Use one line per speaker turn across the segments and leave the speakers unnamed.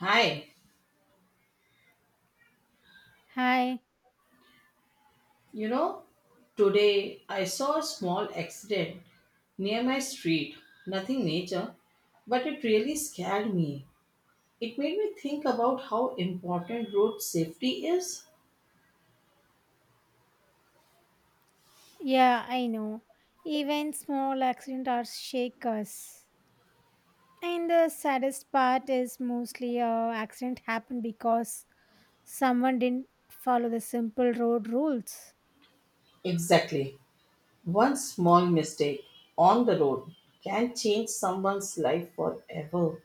Hi,
Hi.
you know, today I saw a small accident near my street. Nothing major, but it really scared me. It made me think about how important road safety is.
Yeah, I know. Even small accidents are shake us. And the saddest part is mostly accident happened because someone didn't follow the simple road rules.
Exactly. One small mistake on the road can change someone's life forever.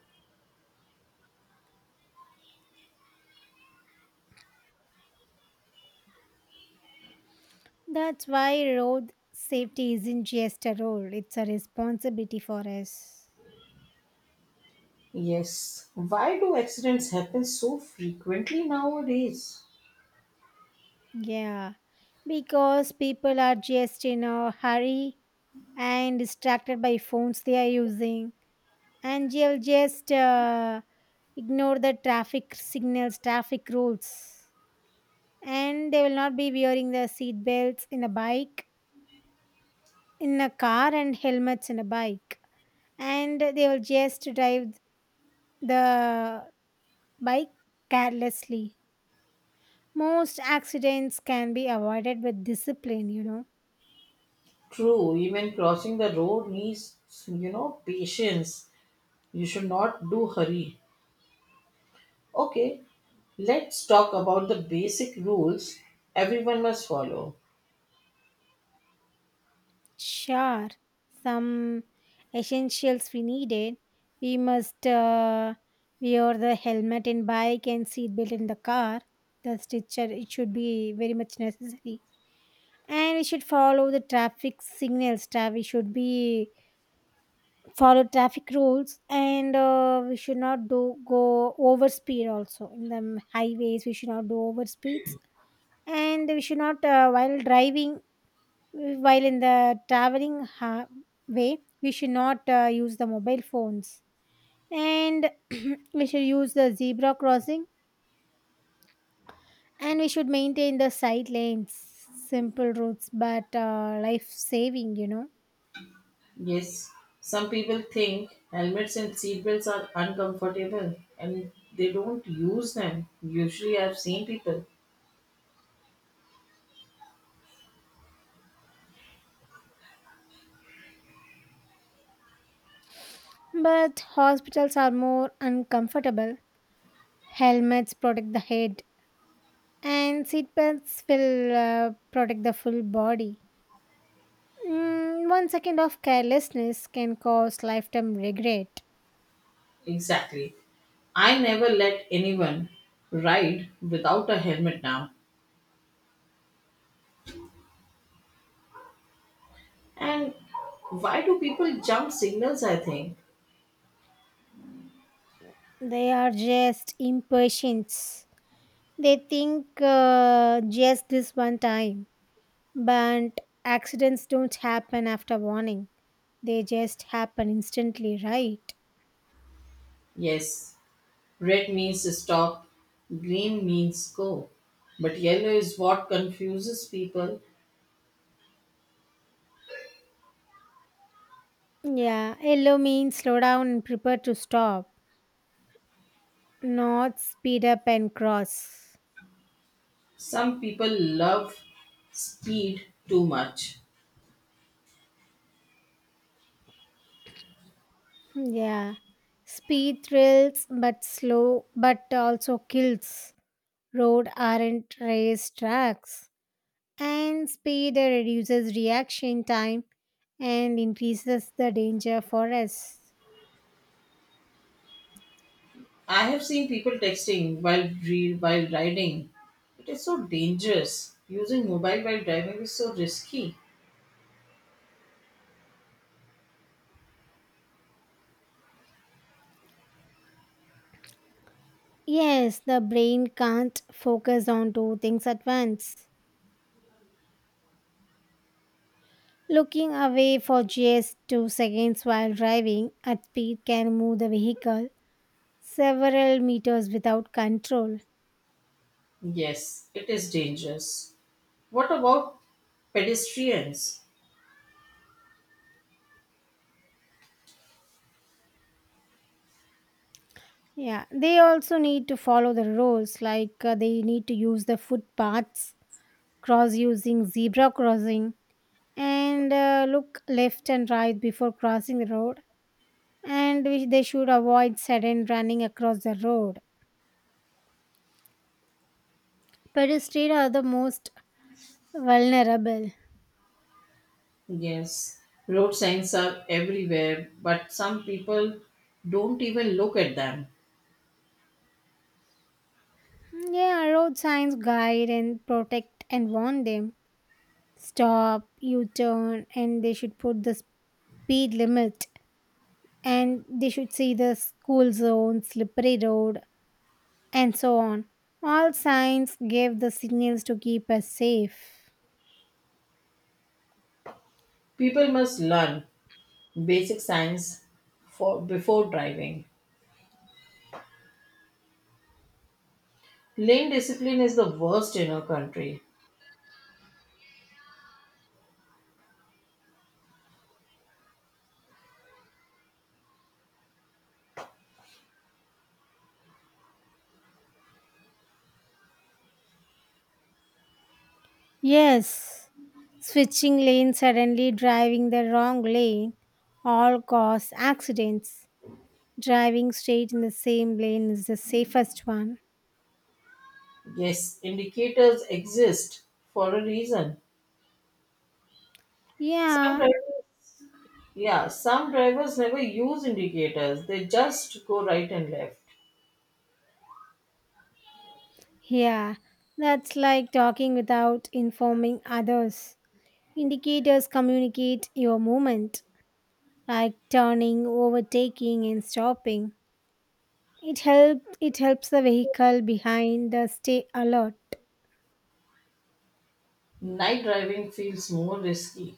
That's why road safety isn't just a role, it's a responsibility for us.
Yes. Why do accidents happen so frequently nowadays?
Yeah, because people are just in a hurry and distracted by phones they are using. And they'll just ignore the traffic signals, traffic rules, and they will not be wearing the seat belts in a bike, in a car, and helmets in a bike, and they will just drive the bike carelessly. Most accidents can be avoided with discipline.
True, even crossing the road needs patience. You should not do hurry. Okay, let's talk about the basic rules everyone must follow.
Sure, some essentials we needed. We must wear the helmet in bike and seatbelt in the car. The stitcher it should be very much necessary. And we should follow the traffic signals. We should be follow traffic rules, and we should not do go over speed. Also in the highways, we should not do over speeds, and we should not while driving while in the traveling way, we should not use the mobile phones and we should use the zebra crossing and we should maintain the side lanes, simple routes, but life saving.
Yes, some people think helmets and seatbelts are uncomfortable and they don't use them. Usually, I've seen people.
But hospitals are more uncomfortable. Helmets protect the head, and seatbelts will protect the full body. One second of carelessness can cause lifetime regret.
Exactly. I never let anyone ride without a helmet now. And why do people jump signals? I think.
They are just impatience. They think just this one time, but accidents don't happen after warning. They just happen instantly, right?
Yes, red means stop, green means go. But yellow is what confuses people.
Yeah, yellow means slow down and prepare to stop, not speed up and cross.
Some people love speed too much.
Yeah, speed thrills but slow, but also kills. Road aren't race tracks, and speed reduces reaction time and increases the danger for us.
I have seen people texting while riding. It is so dangerous. Using mobile while driving is so risky.
Yes, the brain can't focus on two things at once. Looking away for just two seconds while driving at speed can move the vehicle several meters without control.
Yes, it is dangerous. What about pedestrians?
Yeah, they also need to follow the rules like they need to use the footpaths, cross using zebra crossing, and look left and right before crossing the road and they should avoid sudden running across the road. Pedestrians are the most vulnerable.
Yes, road signs are everywhere, but some people don't even look at them.
Yeah, road signs guide and protect and warn them. Stop, U turn, and they should put the speed limit. And they should see the school zone, slippery road, and so on. All signs give the signals to keep us safe.
People must learn basic science for before driving. Lane discipline is the worst in our country.
Yes. Switching lanes suddenly driving the wrong lane all cause accidents. Driving straight in the same lane is the safest one.
Yes, indicators exist for a reason. Some
Yeah,
drivers, yeah, some drivers never use indicators. They just go right and left.
yeah, that's like talking without informing others. Indicators communicate your movement, like turning, overtaking, and stopping. It helps the vehicle behind stay alert.
Night driving feels more risky.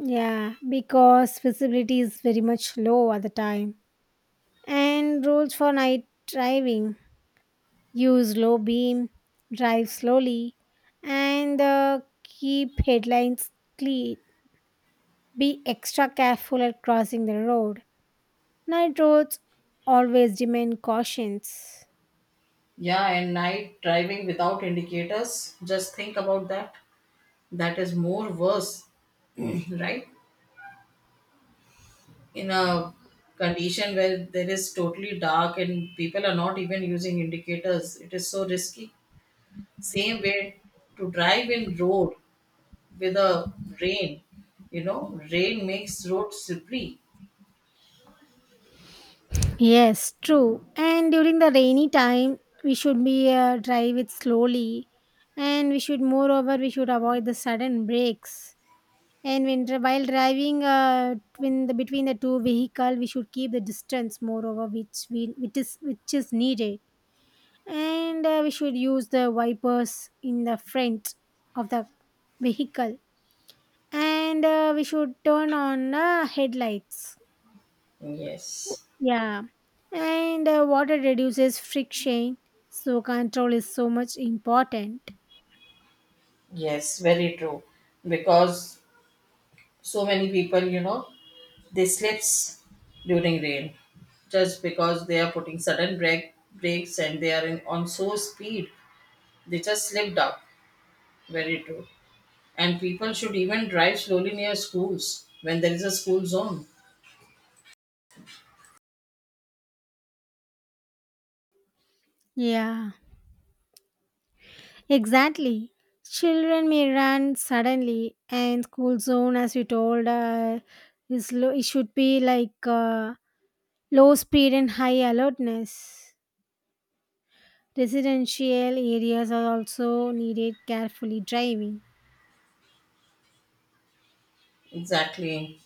Yeah, because visibility is very much low at the time. And rules for night driving use low beam, drive slowly, and keep headlights clean. Be extra careful at crossing the road. Night roads always demand cautions.
Yeah, and night driving without indicators. Just think about that. That is more worse, right? In a condition where there is totally dark and people are not even using indicators, it is so risky. Same way to drive in road with a rain. Rain makes road slippery.
Yes, true. And during the rainy time, we should be drive it slowly, and we should moreover we should avoid the sudden breaks. And when while driving twin between the two vehicle, we should keep the distance moreover which is needed, and we should use the wipers in the front of the vehicle, and we should turn on headlights.
Yes,
Yeah, and water reduces friction, so control is so much important.
yes, very true. Because so many people, they slips during rain. Just because they are putting sudden brakes and they are in, on so speed, they just slipped up. Very true. And people should even drive slowly near schools when there is a school zone.
Yeah. Exactly. Children may run suddenly, and school zone, as you told, is low, it should be like low speed and high alertness. Residential areas are also needed carefully driving.
Exactly.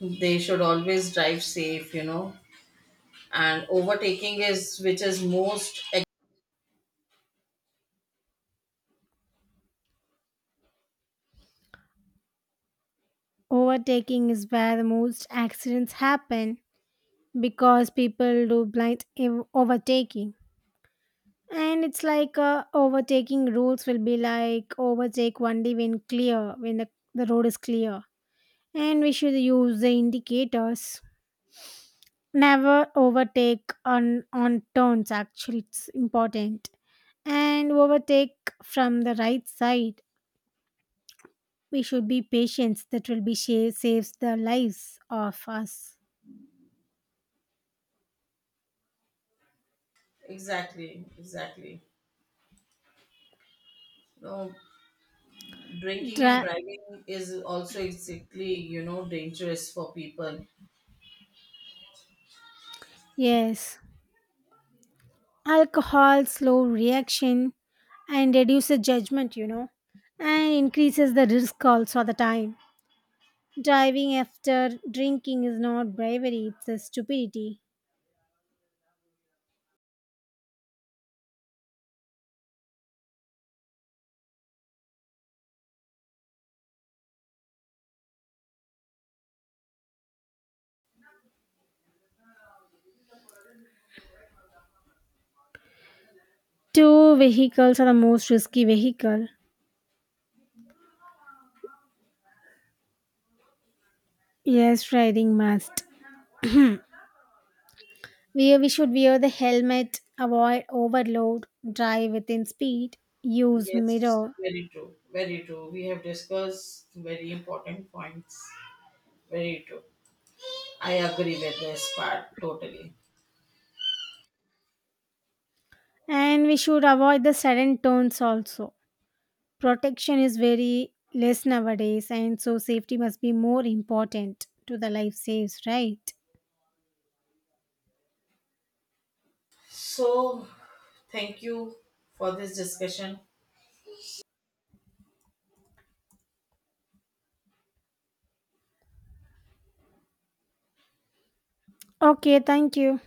They should always drive safe. And overtaking is which is most
Overtaking is where the most accidents happen because people do blind overtaking. And it's like overtaking rules will be like overtake only when clear, when the road is clear and we should use the indicators, never overtake on turns, actually it's important, and overtake from the right side. We should be patient. That will be sha- Saves the lives of us
exactly, exactly. No, drinking and
Dra-
driving is also exactly, dangerous for people.
yes, alcohol slow reaction and reduces judgment and increases the risk also at the time. Driving after drinking is not bravery, it's a stupidity. Two vehicles are the most risky vehicle. Yes, riding must. We should wear the helmet, avoid overload, drive within speed, use
Yes,
mirror,
very true. Very true. We have discussed very important points. Very true. I agree with this part totally.
and we should avoid the sudden turns also. Protection is very less nowadays, and so safety must be more important to the life saves, right?
So thank you for this discussion.
Okay, thank you.